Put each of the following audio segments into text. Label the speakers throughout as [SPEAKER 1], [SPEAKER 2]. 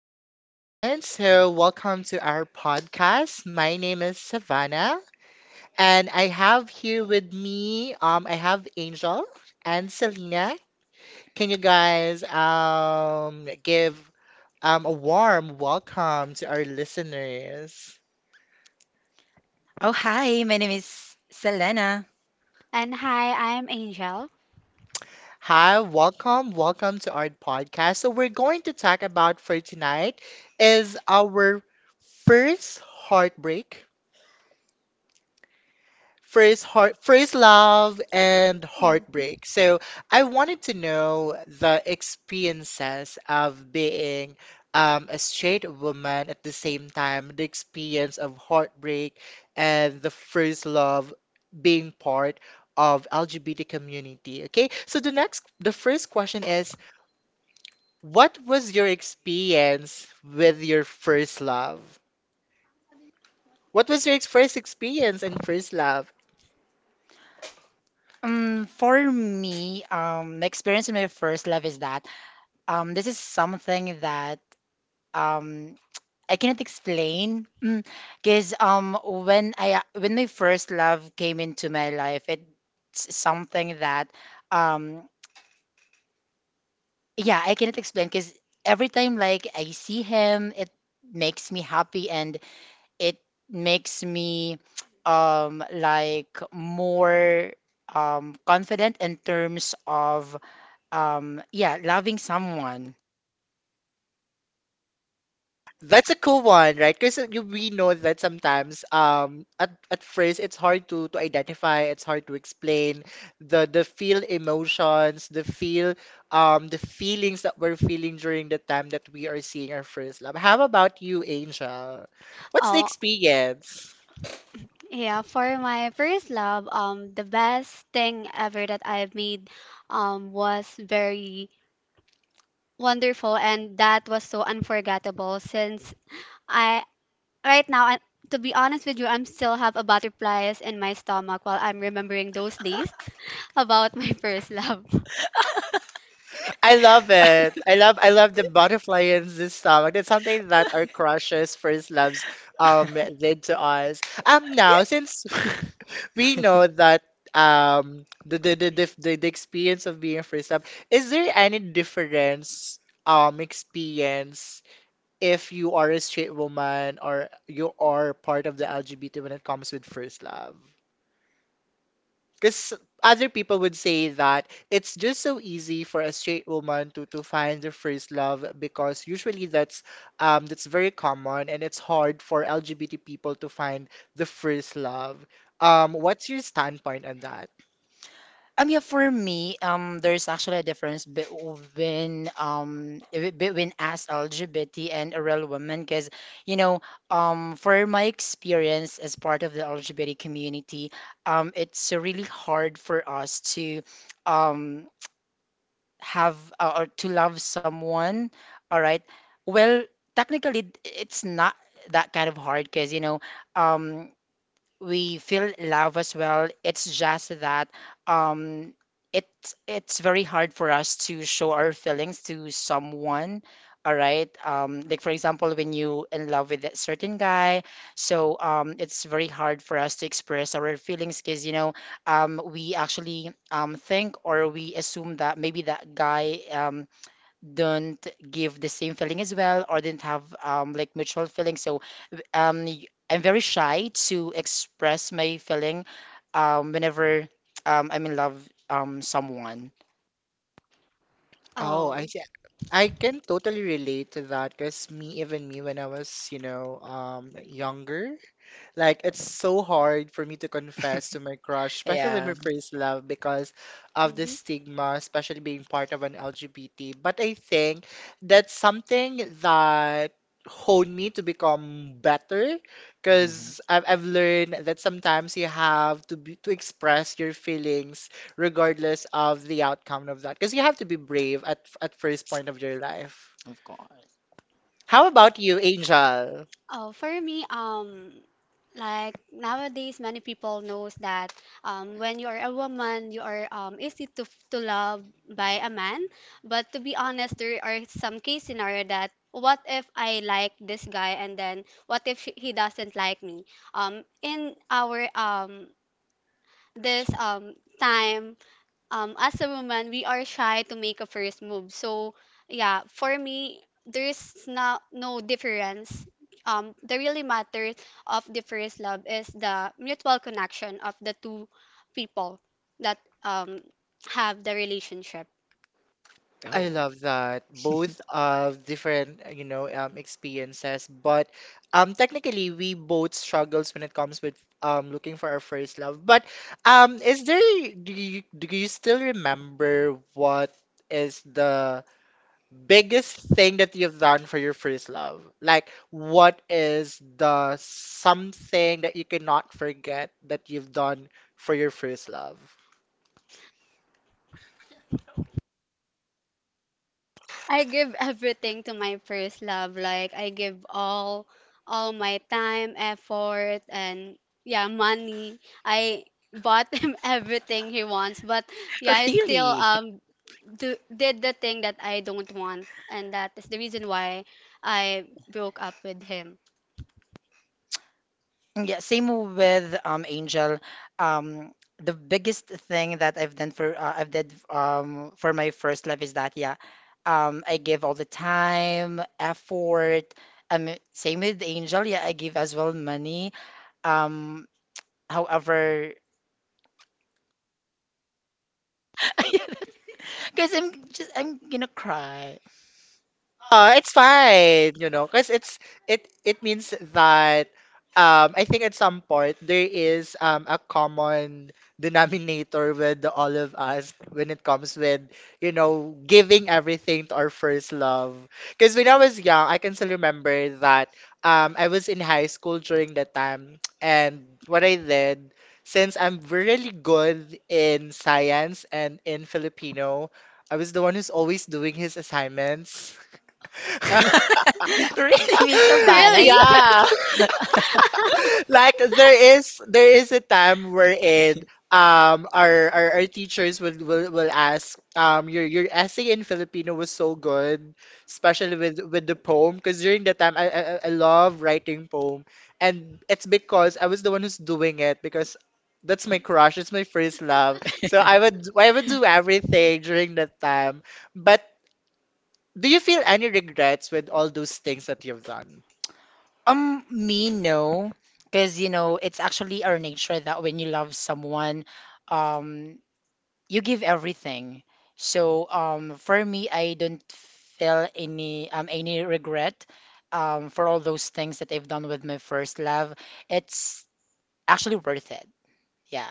[SPEAKER 1] everyone. So, welcome to our podcast. My name is Savannah, and I have here with me, I have Angel and Selena. Can you guys give a warm welcome to our listeners?
[SPEAKER 2] Oh, hi, my name is Selena.
[SPEAKER 3] And hi, I'm Angel.
[SPEAKER 1] Hi, welcome, welcome to our podcast. So, we're going to talk about for tonight is our first first love and
[SPEAKER 3] Mhm.
[SPEAKER 1] heartbreak. So I wanted to know the experiences of being a straight woman at the same time, the experience of heartbreak and the first love being part of LGBT community. Okay, so the first question is, what was your experience with your first love? What was your first experience and first love?
[SPEAKER 2] For me, my experience in my first love is that this is something that um, I cannot explain. Because when I when my first love came into my life, it's something that um, yeah, I cannot explain. Because every time like I see him, it makes me happy and it makes me like more confident in terms of yeah, loving someone.
[SPEAKER 1] That's a cool one, right? Because you we know that sometimes at first it's hard to identify, it's hard to explain the feel emotions, the feel the feelings that we're feeling during the time that we are seeing our first love. How about you, Angel? What's the
[SPEAKER 3] Oh,
[SPEAKER 1] experience?
[SPEAKER 3] yeah, for my first love, the best thing ever that I've made, was very wonderful, and that was so unforgettable since I, right now, I, to be honest with you, I'm still have a butterflies in my stomach while I'm remembering those days about my first love.
[SPEAKER 1] I love it. I love the butterfly in this stomach. It's something that our crushes, first loves, did to us. Now since we know that the experience of being first love, is there any difference experience if you are a straight woman or you are part of the LGBT when it comes with first love? Because other people would say that it's just so easy for a straight woman to find their first love because usually that's very common and it's hard for LGBT people to find the first love. What's your standpoint on that?
[SPEAKER 2] Yeah, for me, there's actually a difference between as LGBT and a real woman. Because you know, for my experience as part of the LGBT community, it's really hard for us to um have or to love someone, all right? Well, technically, it's not that kind of hard because, you know, um, we feel love as well. It's just that um it's very hard for us to show our feelings to someone. All right. Like for example, when you in love with a certain guy, so it's very hard for us to express our feelings because you know, we actually think or we assume that maybe that guy don't give the same feeling as well or didn't have like mutual feeling. So I'm very shy to express my feeling whenever I'm in love someone.
[SPEAKER 1] Oh, I
[SPEAKER 3] Oh.
[SPEAKER 1] see. I can totally relate to that because me, even me, when I was, you know, younger, like it's so hard for me to confess to my crush, especially in my
[SPEAKER 2] Yeah.
[SPEAKER 1] first love, because of the stigma, especially being part of an LGBT. But I think that's something that honed me to become better,
[SPEAKER 2] Mhm.
[SPEAKER 1] because I've learned that sometimes you have to be, to express your feelings regardless of the outcome of that, because you have to be brave at first point of your life.
[SPEAKER 2] Of course.
[SPEAKER 1] How about you, Angel?
[SPEAKER 3] Oh, for me, like nowadays, many people knows that when you are a woman, you are easy to love by a man. But to be honest, there are some case scenario that what if I like this guy and then what if he doesn't like me? In our this time as a woman we are shy to make a first move, so yeah, for me there's not no difference, the really matter of the first love is the mutual connection of the two people that um have the relationship.
[SPEAKER 1] I
[SPEAKER 2] Oh,
[SPEAKER 1] love that. Both of different, you know, experiences, but technically we both struggles when it comes with looking for our first love. But is there do you still remember what is the biggest thing that you've done for your first love? Like, what is the something that you cannot forget that you've done for your first love?
[SPEAKER 3] I give everything to my first love. Like I give all my time, effort, and yeah, money. I bought him everything he wants, but yeah, I still
[SPEAKER 2] really?
[SPEAKER 3] did the thing that I don't want and that is the reason why I broke up with him.
[SPEAKER 2] Yeah, same with Angel. Um, the biggest thing that I've did for my first love is that yeah, I give all the time, effort. Same with Angel. Yeah, I give as well money. Um, however, because I'm just I'm gonna cry.
[SPEAKER 1] It's fine, you know, because it means that I think at some point there is a common denominator with all of us when it comes with, you know, giving everything to our first love. Because when I was young, I can still remember that I was in high school during that time and what I did, since I'm really good in science and in Filipino, I was the one who's always doing his assignments.
[SPEAKER 2] Really, me so bad. I
[SPEAKER 3] Really?
[SPEAKER 1] Yeah,
[SPEAKER 2] stop.
[SPEAKER 1] like there is a time wherein our teachers will, will ask your essay in Filipino was so good, especially with the poem because during that time I love writing poem and it's because I was the one who's doing it because that's my crush, it's my first love. So I would do everything during that time. But do you feel any regrets with all those things that you've done?
[SPEAKER 2] Me no, because you know it's actually our nature that when you love someone, um, you give everything. So for me, I don't feel any regret for all those things that I've done with my first love. It's actually worth it. Yeah.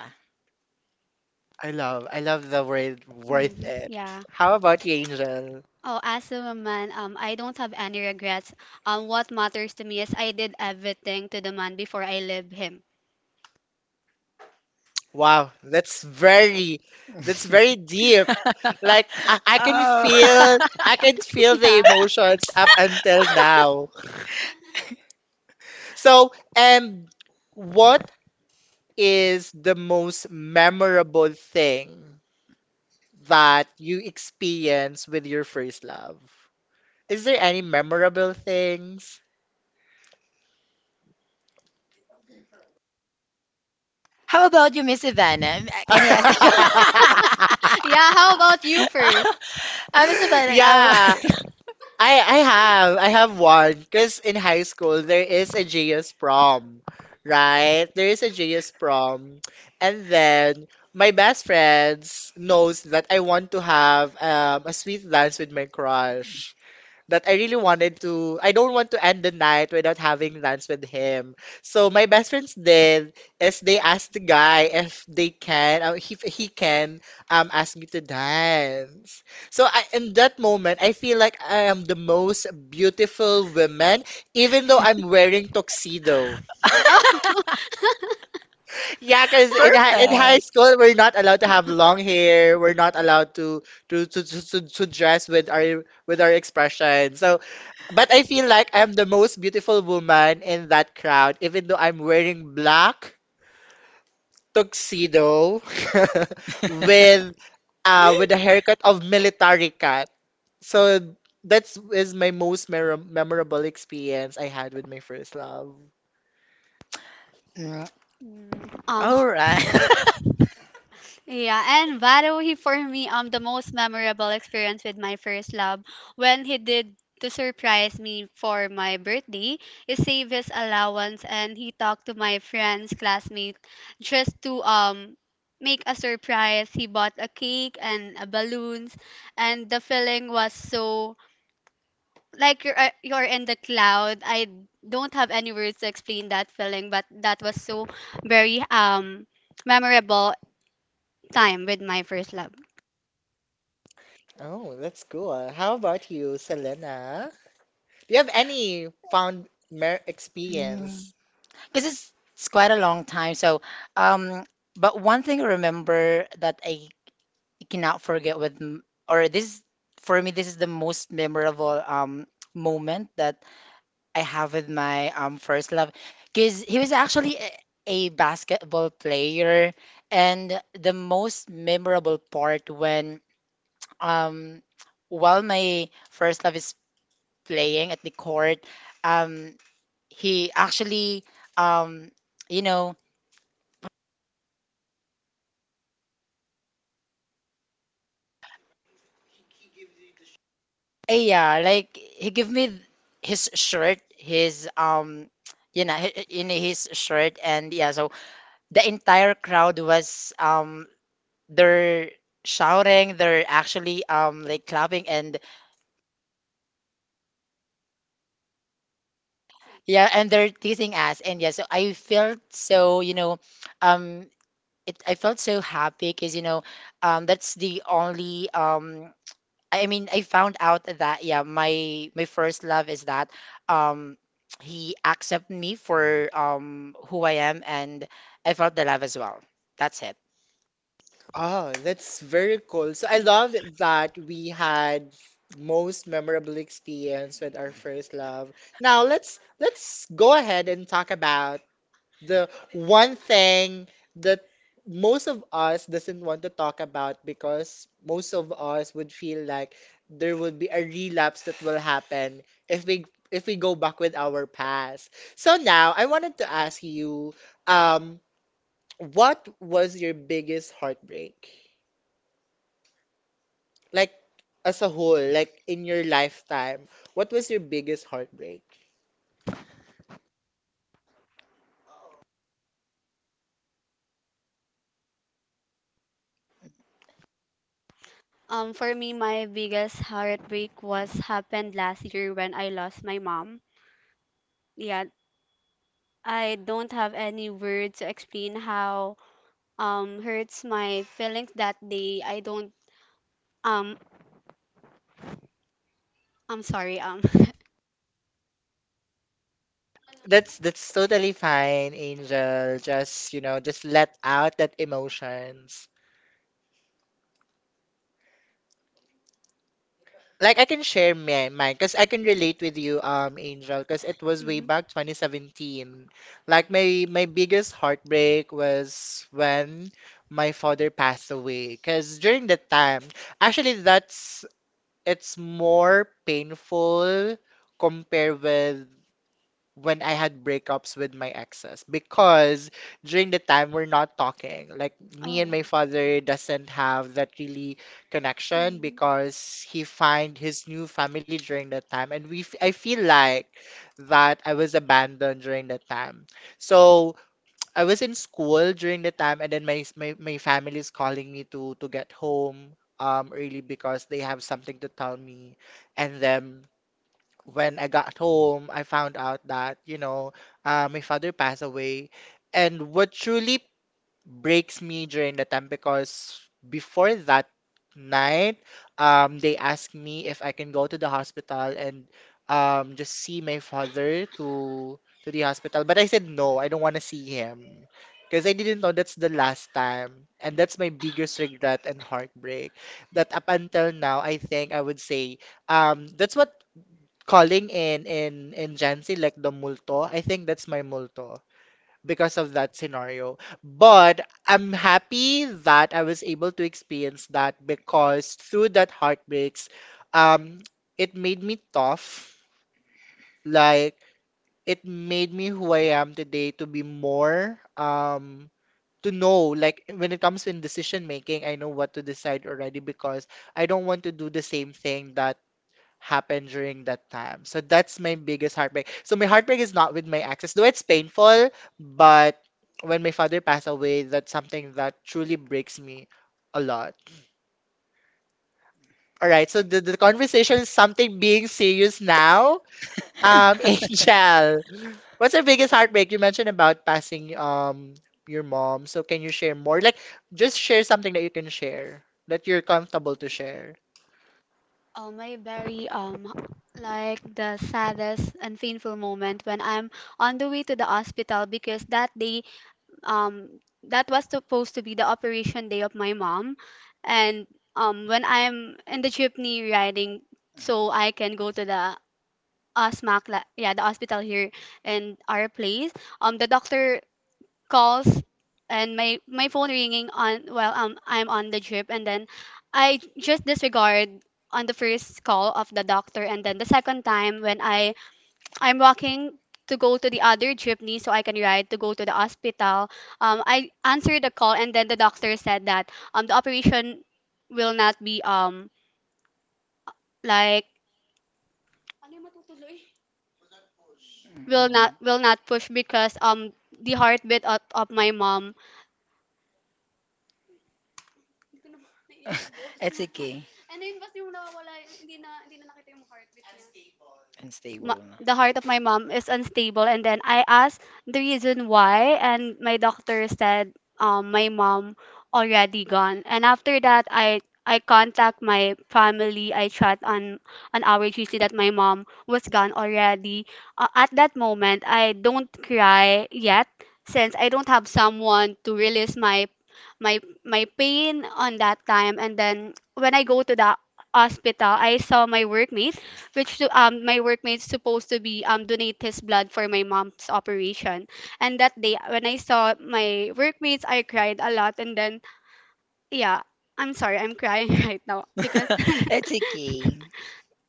[SPEAKER 1] I love the word worth
[SPEAKER 3] Hmm.
[SPEAKER 1] it.
[SPEAKER 3] Yeah.
[SPEAKER 1] How about you, Angel?
[SPEAKER 3] Oh, as a woman, I don't have any regrets. What matters to me is I did everything to the man before I leave him.
[SPEAKER 1] Wow, that's very deep. Like I, I can
[SPEAKER 2] Oh,
[SPEAKER 1] feel, I can feel the
[SPEAKER 3] Yeah.
[SPEAKER 1] emotions up until now. So, what is the most memorable thing that you experience with your first love? Is there any memorable things?
[SPEAKER 2] how about you, Miss Ivana? Can I ask?
[SPEAKER 3] Yeah, how about you first?
[SPEAKER 2] Miss Ivana,
[SPEAKER 1] Yeah, I have one because in high school there is a JS prom, right? There is a JS prom, and then my best friends knows that I want to have a sweet dance with my crush, that I really wanted to, I don't want to end the night without having lunch with him. So my best friends did is they asked the guy if they can, if he can ask me to dance. So I, in that moment, I feel like I am the most beautiful woman, even though I'm wearing tuxedo. Yeah, because in high
[SPEAKER 2] perfect.
[SPEAKER 1] school we're not allowed to have long hair. We're not allowed to dress with our expression. So, but I feel like I'm the most beautiful woman in that crowd, even though I'm wearing black tuxedo with with a haircut of military cut. So that's is my most memorable experience I had with my first love.
[SPEAKER 2] Mm,
[SPEAKER 3] Mm. um,
[SPEAKER 2] all right.
[SPEAKER 3] Yeah, and Varuhi for me, the most memorable experience with my first love when he did to surprise me for my birthday, he saved his allowance and he talked to my friends, classmates, just to make a surprise. He bought a cake and a balloons, and the feeling was so like you're in the cloud. I don't have any words to explain that feeling, but that was so very memorable time with my first love.
[SPEAKER 1] Oh, that's cool. How about you, Selena? Do you have any found mer
[SPEAKER 2] Mm.
[SPEAKER 1] experience?
[SPEAKER 2] Because it's quite a long time. So, um, but one thing I remember that I cannot forget with, m- or this, for me, this is the most memorable moment that I have with my first love, because he was actually a basketball player, and the most memorable part when Um, while my first love is playing at the court, um, he actually, um, you know, yeah, like he gave me his shirt, his you know, in his shirt, and yeah, so the entire crowd was they're shouting, they're actually like clapping, and yeah, and they're teasing us, and yeah, so I felt so, you know, um it I felt so happy because you know that's the only I mean I found out that yeah my first love is that um he accepted me for who I am, and I felt the love as well. That's it.
[SPEAKER 1] Oh, that's very cool. So I love that we had most memorable experience with our first love. Now let's go ahead and talk about the one thing that most of us doesn't want to talk about because most of us would feel like there would be a relapse that will happen if we go back with our past. So now I wanted to ask you, um, what was your biggest heartbreak? Like as a whole, like in your lifetime, what was your biggest heartbreak?
[SPEAKER 3] For me, my biggest heartbreak was happened last year when I lost my mom. Yeah, I don't have any words to explain how hurts my feelings that day. I don't. um I'm sorry.
[SPEAKER 1] That's totally fine, Angel. Just, you know, just let out that emotions. Like I can share my mine because I can relate with you, Angel, because it was way
[SPEAKER 3] Mhm.
[SPEAKER 1] back 2017. Like my biggest heartbreak was when my father passed away. Because during that time, actually, that's it's more painful compared with when I had breakups with my exes because during the time we're not talking. Like me and
[SPEAKER 3] Oh.
[SPEAKER 1] my father doesn't have that really connection
[SPEAKER 3] Mhm.
[SPEAKER 1] because he find his new family during that time and we I feel like that I was abandoned during that time. So I was in school during the time, and then my s- my family is calling me to get home early because they have something to tell me. And then when I got home, I found out that, you know, my father passed away. And what truly breaks me during the time because before that night, they asked me if I can go to the hospital and just see my father to the hospital. But I said no, I don't want to see him because I didn't know that's the last time, and that's my biggest regret and heartbreak. That up until now, I think I would say that's what calling in Jansi like the multo. I think that's my multo because of that scenario. But I'm happy that I was able to experience that because through that heartbreaks, um, it made me tough. Like it made me who I am today to be more to know like when it comes in decision making, I know what to decide already because I don't want to do the same thing that happened during that time. So that's my biggest heartbreak. So my heartbreak is not with my exes, though it's painful, but when my father passed away, that's something that truly breaks me a lot. All right, so the conversation is something being serious now.
[SPEAKER 3] Mhm.
[SPEAKER 1] Angel, what's your biggest heartbreak? You mentioned about passing your mom. So can you share more? Like just share something that you can share that you're comfortable to share.
[SPEAKER 3] My very like the saddest and painful moment when I'm on the way to the hospital because that day um that was supposed to be the operation day of my mom, and when I'm in the jeepney riding so I can go to the OSMAC, yeah, the hospital here in our place. The doctor calls and my phone ringing on while I'm on the trip, and then I just disregard on the first call of the doctor, and then the second time when I'm walking to go to the other jeepney so I can ride to go to the hospital. I answered the call and then the doctor said that the operation will not be, like,
[SPEAKER 2] Mhm.
[SPEAKER 3] will not push because the heartbeat of my mom,
[SPEAKER 2] It's okay. Unstable. No.
[SPEAKER 3] the heart of my mom is unstable, and then I asked the reason why and my doctor said, my mom already gone. And after that I contact my family. I chat on our gc that my mom was gone already. At that moment I don't cry yet since I don't have someone to release my my pain on that time. And then when I go to the hospital I saw my workmates, which my workmate's supposed to be donate his blood for my mom's operation. And that day when I saw my workmates, I cried a lot. And then yeah, I'm sorry, I'm crying right now because
[SPEAKER 2] It's okay.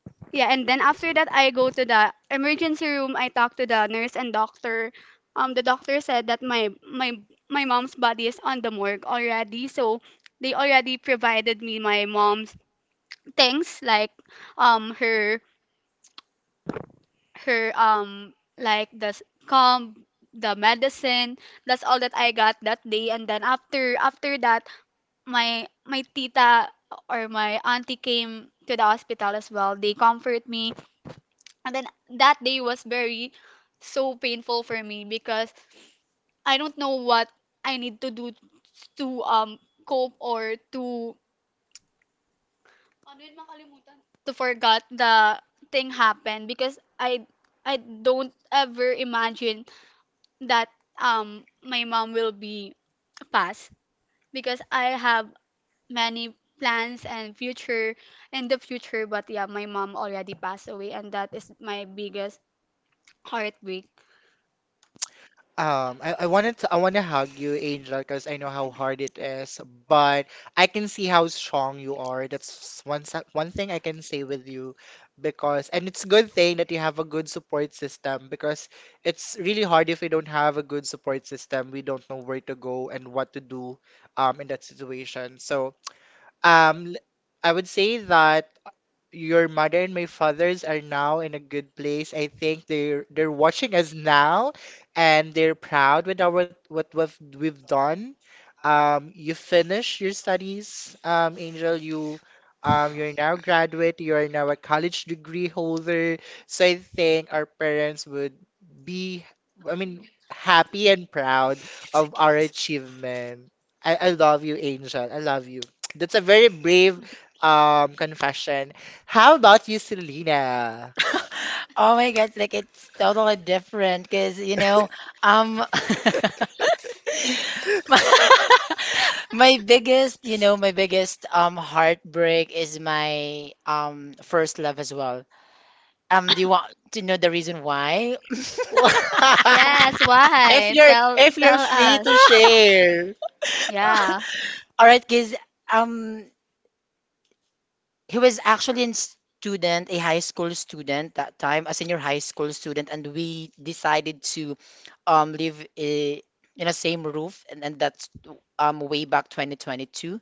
[SPEAKER 3] yeah. And then after that, I go to the emergency room. I talk to the nurse and doctor. The doctor said that my mom's body is on the morgue already, so they already provided me my mom's things like um her her like the calm, the medicine. That's all that I got that day. And then after that my tita, or my auntie, came to the hospital as well. They comfort me. And then that day was very so painful for me because I don't know what I need to do to cope, or to forget the thing happened, because I don't ever imagine that my mom will be pass, because I have many plans and future in the future. But yeah, my mom already passed away, and that is my biggest heartbreak.
[SPEAKER 1] I wanted to, I want to hug you, Angel, because I know how hard it is, but I can see how strong you are. That's one thing I can say with you because and it's a good thing that you have a good support system because it's really hard if we don't have a good support system. We don't know where to go and what to do in that situation. So, um, l- I would say that your mother and my fathers are now in a good place. I think they're watching us now and they're proud with our what we've done. You finish your studies, Angel, you're now graduate, you're now a college degree holder. So I think our parents would be, I mean, happy and proud
[SPEAKER 2] It's a
[SPEAKER 1] of our
[SPEAKER 2] kid.
[SPEAKER 1] achievement. I love you, Angel. I love you. That's a very brave confession. How about you, Selena?
[SPEAKER 2] Oh my God, like it's totally different because, you know, um my my biggest, you know, my biggest heartbreak is my first love as well. Do you want to know the reason why?
[SPEAKER 3] Yes,
[SPEAKER 1] If
[SPEAKER 3] why?
[SPEAKER 1] you're
[SPEAKER 3] Tell,
[SPEAKER 1] free
[SPEAKER 3] us.
[SPEAKER 1] to share.
[SPEAKER 3] Yeah.
[SPEAKER 2] All right, guys. Um, he was actually a student, a high school student that time, a senior high school student, and we decided to um live i- in a same roof, and, that's way back 2022.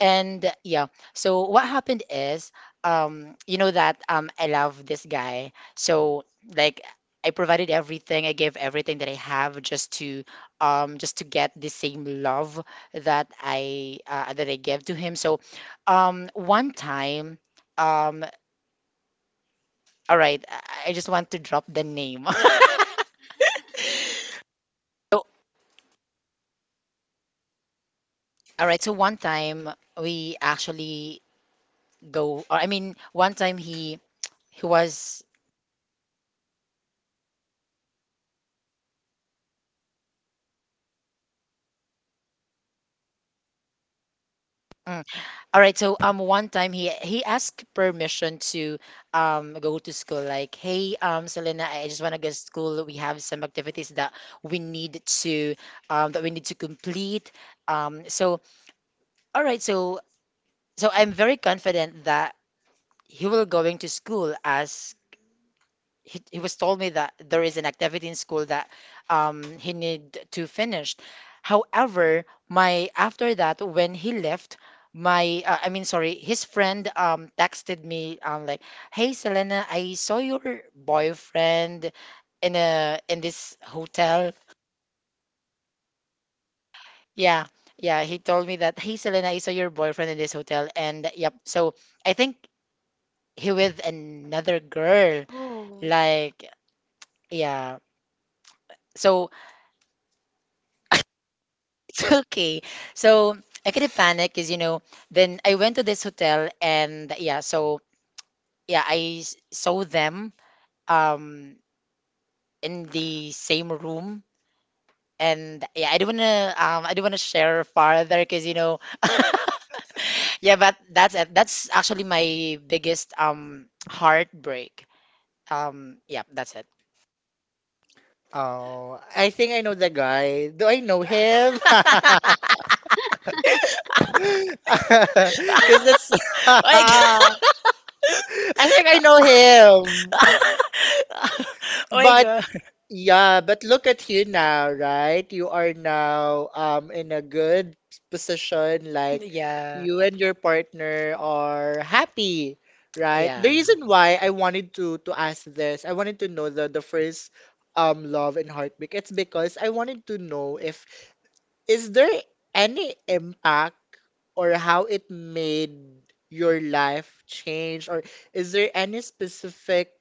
[SPEAKER 2] And yeah, so what happened is, you know that I love this guy. So like I provided everything, I gave everything that I have just to get the same love that I gave to him. So one time, um, all right, I just want to drop the name. So, all right, so one time we actually go, or I mean, one time he was Mm. All right. So one time he asked permission to go to school. Like, hey, Selena, I just want to go to school. We have some activities that we need to that we need to complete. So all right. So I'm very confident that he will going to school as he was told me that there is an activity in school that he need to finish. However, my after that when he left, my I mean sorry, his friend texted me like, "Hey Selena, I saw your boyfriend in this hotel." Yeah, yeah, he told me that, "Hey Selena, I saw your boyfriend in this hotel," and yep. So I think he with another girl,
[SPEAKER 3] Oh.
[SPEAKER 2] like yeah. So it's okay. So I kind of panicked because, you know, then I went to this hotel and yeah, so yeah, saw them um in the same room. And yeah, I don't wanna share farther because you know yeah, but that's it. That's actually my biggest heartbreak. Um, yeah, that's it.
[SPEAKER 1] Oh, I think I know the guy. Do I know him? Because that's
[SPEAKER 2] Oh my god.
[SPEAKER 1] I think I know him.
[SPEAKER 2] Oh my
[SPEAKER 1] But
[SPEAKER 2] god.
[SPEAKER 1] yeah, but look at you now, right? You are now in a good position, like
[SPEAKER 2] Yeah.
[SPEAKER 1] you and your partner are happy, right?
[SPEAKER 2] Yeah.
[SPEAKER 1] The reason why I wanted to ask this, I wanted to know the first love and heartbreak. It's because I wanted to know if is there any impact, or how it made your life change, or is there any specific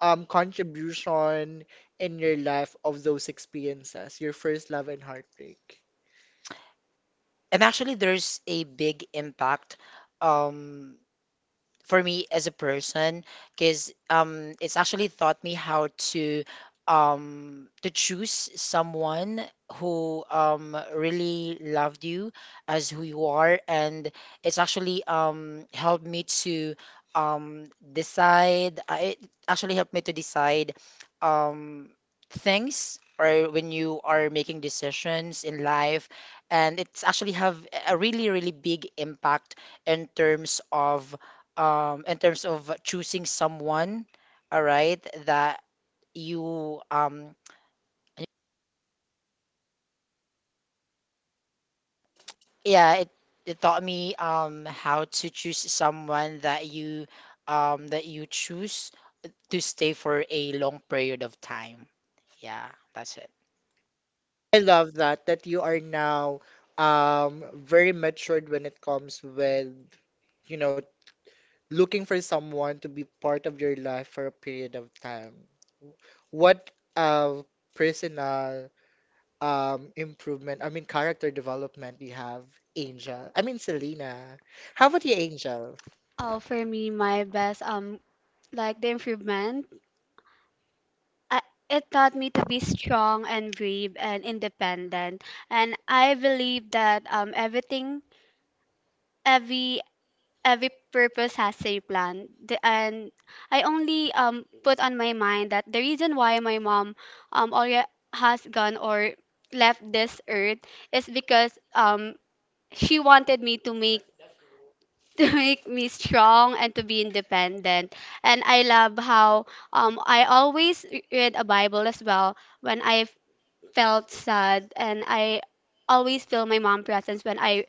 [SPEAKER 1] contribution in your life of those experiences, your first love and heartbreak.
[SPEAKER 2] And actually, there's a big impact. Um, for me as a person because it's actually taught me how to choose someone who really loved you as who you are, and it's actually helped me to decide it actually helped me to decide um things or when you are making decisions in life, and it's actually have a really really big impact in terms of in terms of choosing someone, all right, that you yeah, it taught me how to choose someone that you choose to stay for a long period of time. Yeah, that's it.
[SPEAKER 1] I love that you are now very matured when it comes with, you know, looking for someone to be part of your life for a period of time. What uh personal improvement, I mean character development you have, Angel. I mean Selena. How about you, Angel?
[SPEAKER 3] Oh, for me, my best like the improvement, I, it taught me to be strong and brave and independent. And I believe that everything, every every purpose has a plan. And I only put on my mind that the reason why my mom already has gone, or left this earth, is because she wanted me to make to make me strong and to be independent. And I love how I always read a Bible as well when I felt sad, and I always feel my mom presence when I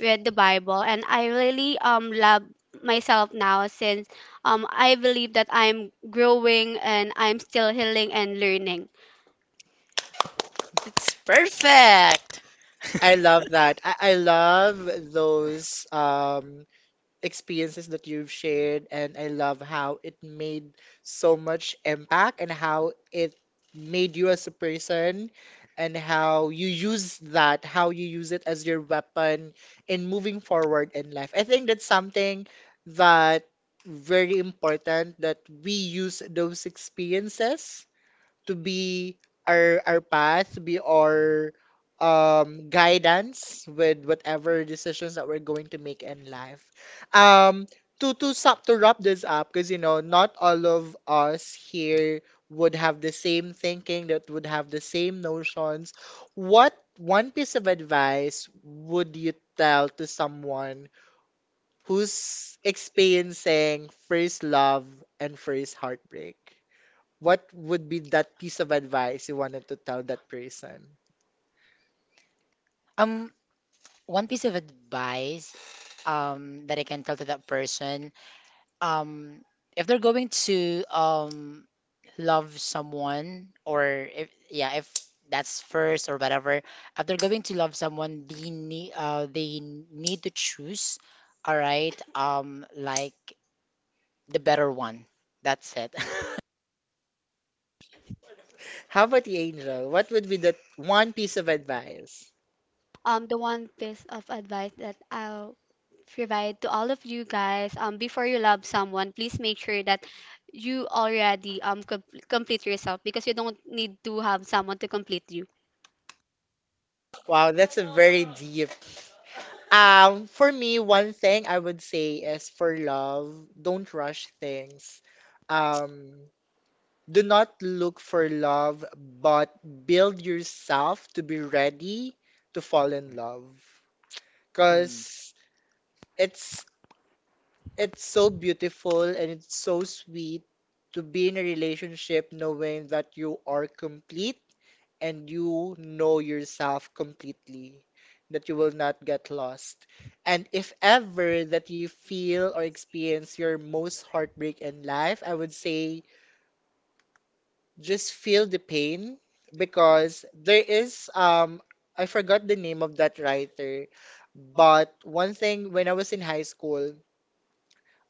[SPEAKER 3] read the Bible, and I really love myself now since I believe that I'm growing and I'm still healing and learning.
[SPEAKER 2] It's perfect.
[SPEAKER 1] I love that. I love those experiences that you've shared, and I love how it made so much impact and how it made you as a person and how you use that, how you use it as your weapon in moving forward in life. I think that's something that very important that we use those experiences to be our path, to be our guidance with whatever decisions that we're going to make in life. Um to stop to wrap this up, because you know not all of us here would have the same thinking, that would have the same notions. What one piece of advice would you tell to someone who's experiencing first love and first heartbreak? What would be that piece of advice you wanted to tell that person?
[SPEAKER 2] Um, one piece of advice that I can tell to that person um if they're going to love someone, or if yeah if that's first or whatever, if they're going to love someone, they need to choose, all right, like the better one, that's it.
[SPEAKER 1] How about the angel? What would be that one piece of advice?
[SPEAKER 3] The one piece of advice that I'll provide to all of you guys, before you love someone, please make sure that you already complete yourself because you don't need to have someone to complete you.
[SPEAKER 1] Wow, that's a very deep. For me, one thing I would say is for love, don't rush things. Um, do not look for love, but build yourself to be ready to fall in love.
[SPEAKER 2] Hmm,
[SPEAKER 1] Because it's it's so beautiful and it's so sweet to be in a relationship, knowing that you are complete and you know yourself completely, that you will not get lost. And if ever that you feel or experience your most heartbreak in life, I would say just feel the pain, because there is I forgot the name of that writer, but one thing when I was in high school,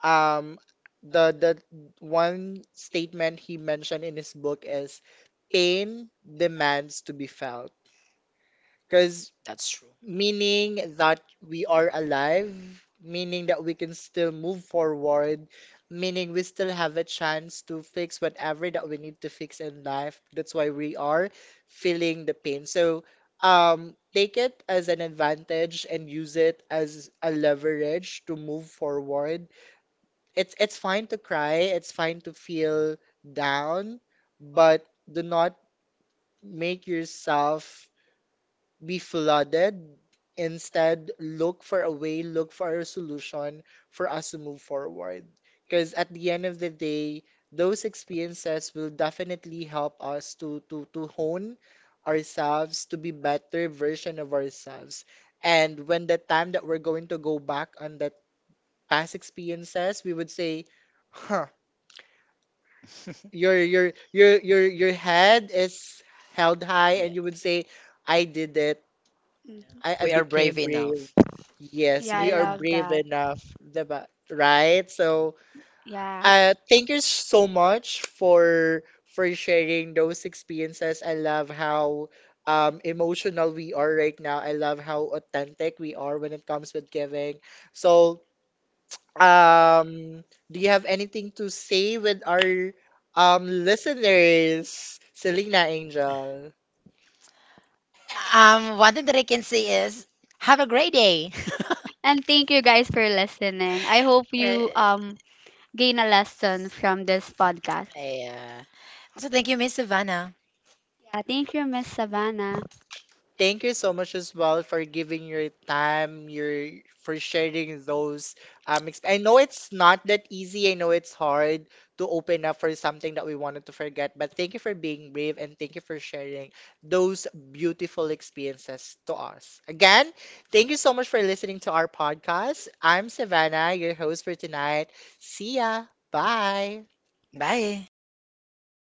[SPEAKER 1] um the one statement he mentioned in his book is pain demands to be felt, because
[SPEAKER 2] that's true.
[SPEAKER 1] meaning that we are alive, meaning that we can still move forward, meaning we still have a chance to fix whatever that we need to fix in life. That's why we are feeling the pain. So take it as an advantage and use it as a leverage to move forward. It's it's fine to cry, it's fine to feel down, but do not make yourself be flooded. Instead, look for a way, look for a solution for us to move forward. Because at the end of the day, those experiences will definitely help us to hone ourselves to be better version of ourselves. And when the time that we're going to go back on that past experiences, we would say, "Huh, your your your head is held high,"
[SPEAKER 2] Yeah, yeah.
[SPEAKER 1] and you would say, "I did it. I,
[SPEAKER 3] Mhm.
[SPEAKER 1] I
[SPEAKER 2] We are brave
[SPEAKER 1] became brave."
[SPEAKER 2] enough.
[SPEAKER 1] Yes,
[SPEAKER 3] Yeah, I
[SPEAKER 1] we are
[SPEAKER 2] Yeah,
[SPEAKER 3] love
[SPEAKER 1] brave
[SPEAKER 3] that.
[SPEAKER 1] enough, diba? Right. So
[SPEAKER 3] Yeah.
[SPEAKER 1] thank you so much for sharing those experiences. I love how emotional we are right now. I love how authentic we are when it comes with giving. So um, do you have anything to say with our listeners, Selena, Angel?
[SPEAKER 2] one thing that I can say is have a great day.
[SPEAKER 3] And thank you guys for listening. I hope you
[SPEAKER 2] Eh,
[SPEAKER 3] gain a lesson from this podcast.
[SPEAKER 2] yeah. Also, thank you, Miss Savannah.
[SPEAKER 3] Thank you, Miss Savannah.
[SPEAKER 1] Thank you so much as well for giving your time, your for sharing those I know it's not that easy. I know it's hard to open up for something that we wanted to forget, but thank you for being brave, and thank you for sharing those beautiful experiences to us. Again, thank you so much for listening to our podcast. I'm Savannah, your host for tonight. See ya. Bye.
[SPEAKER 2] Bye.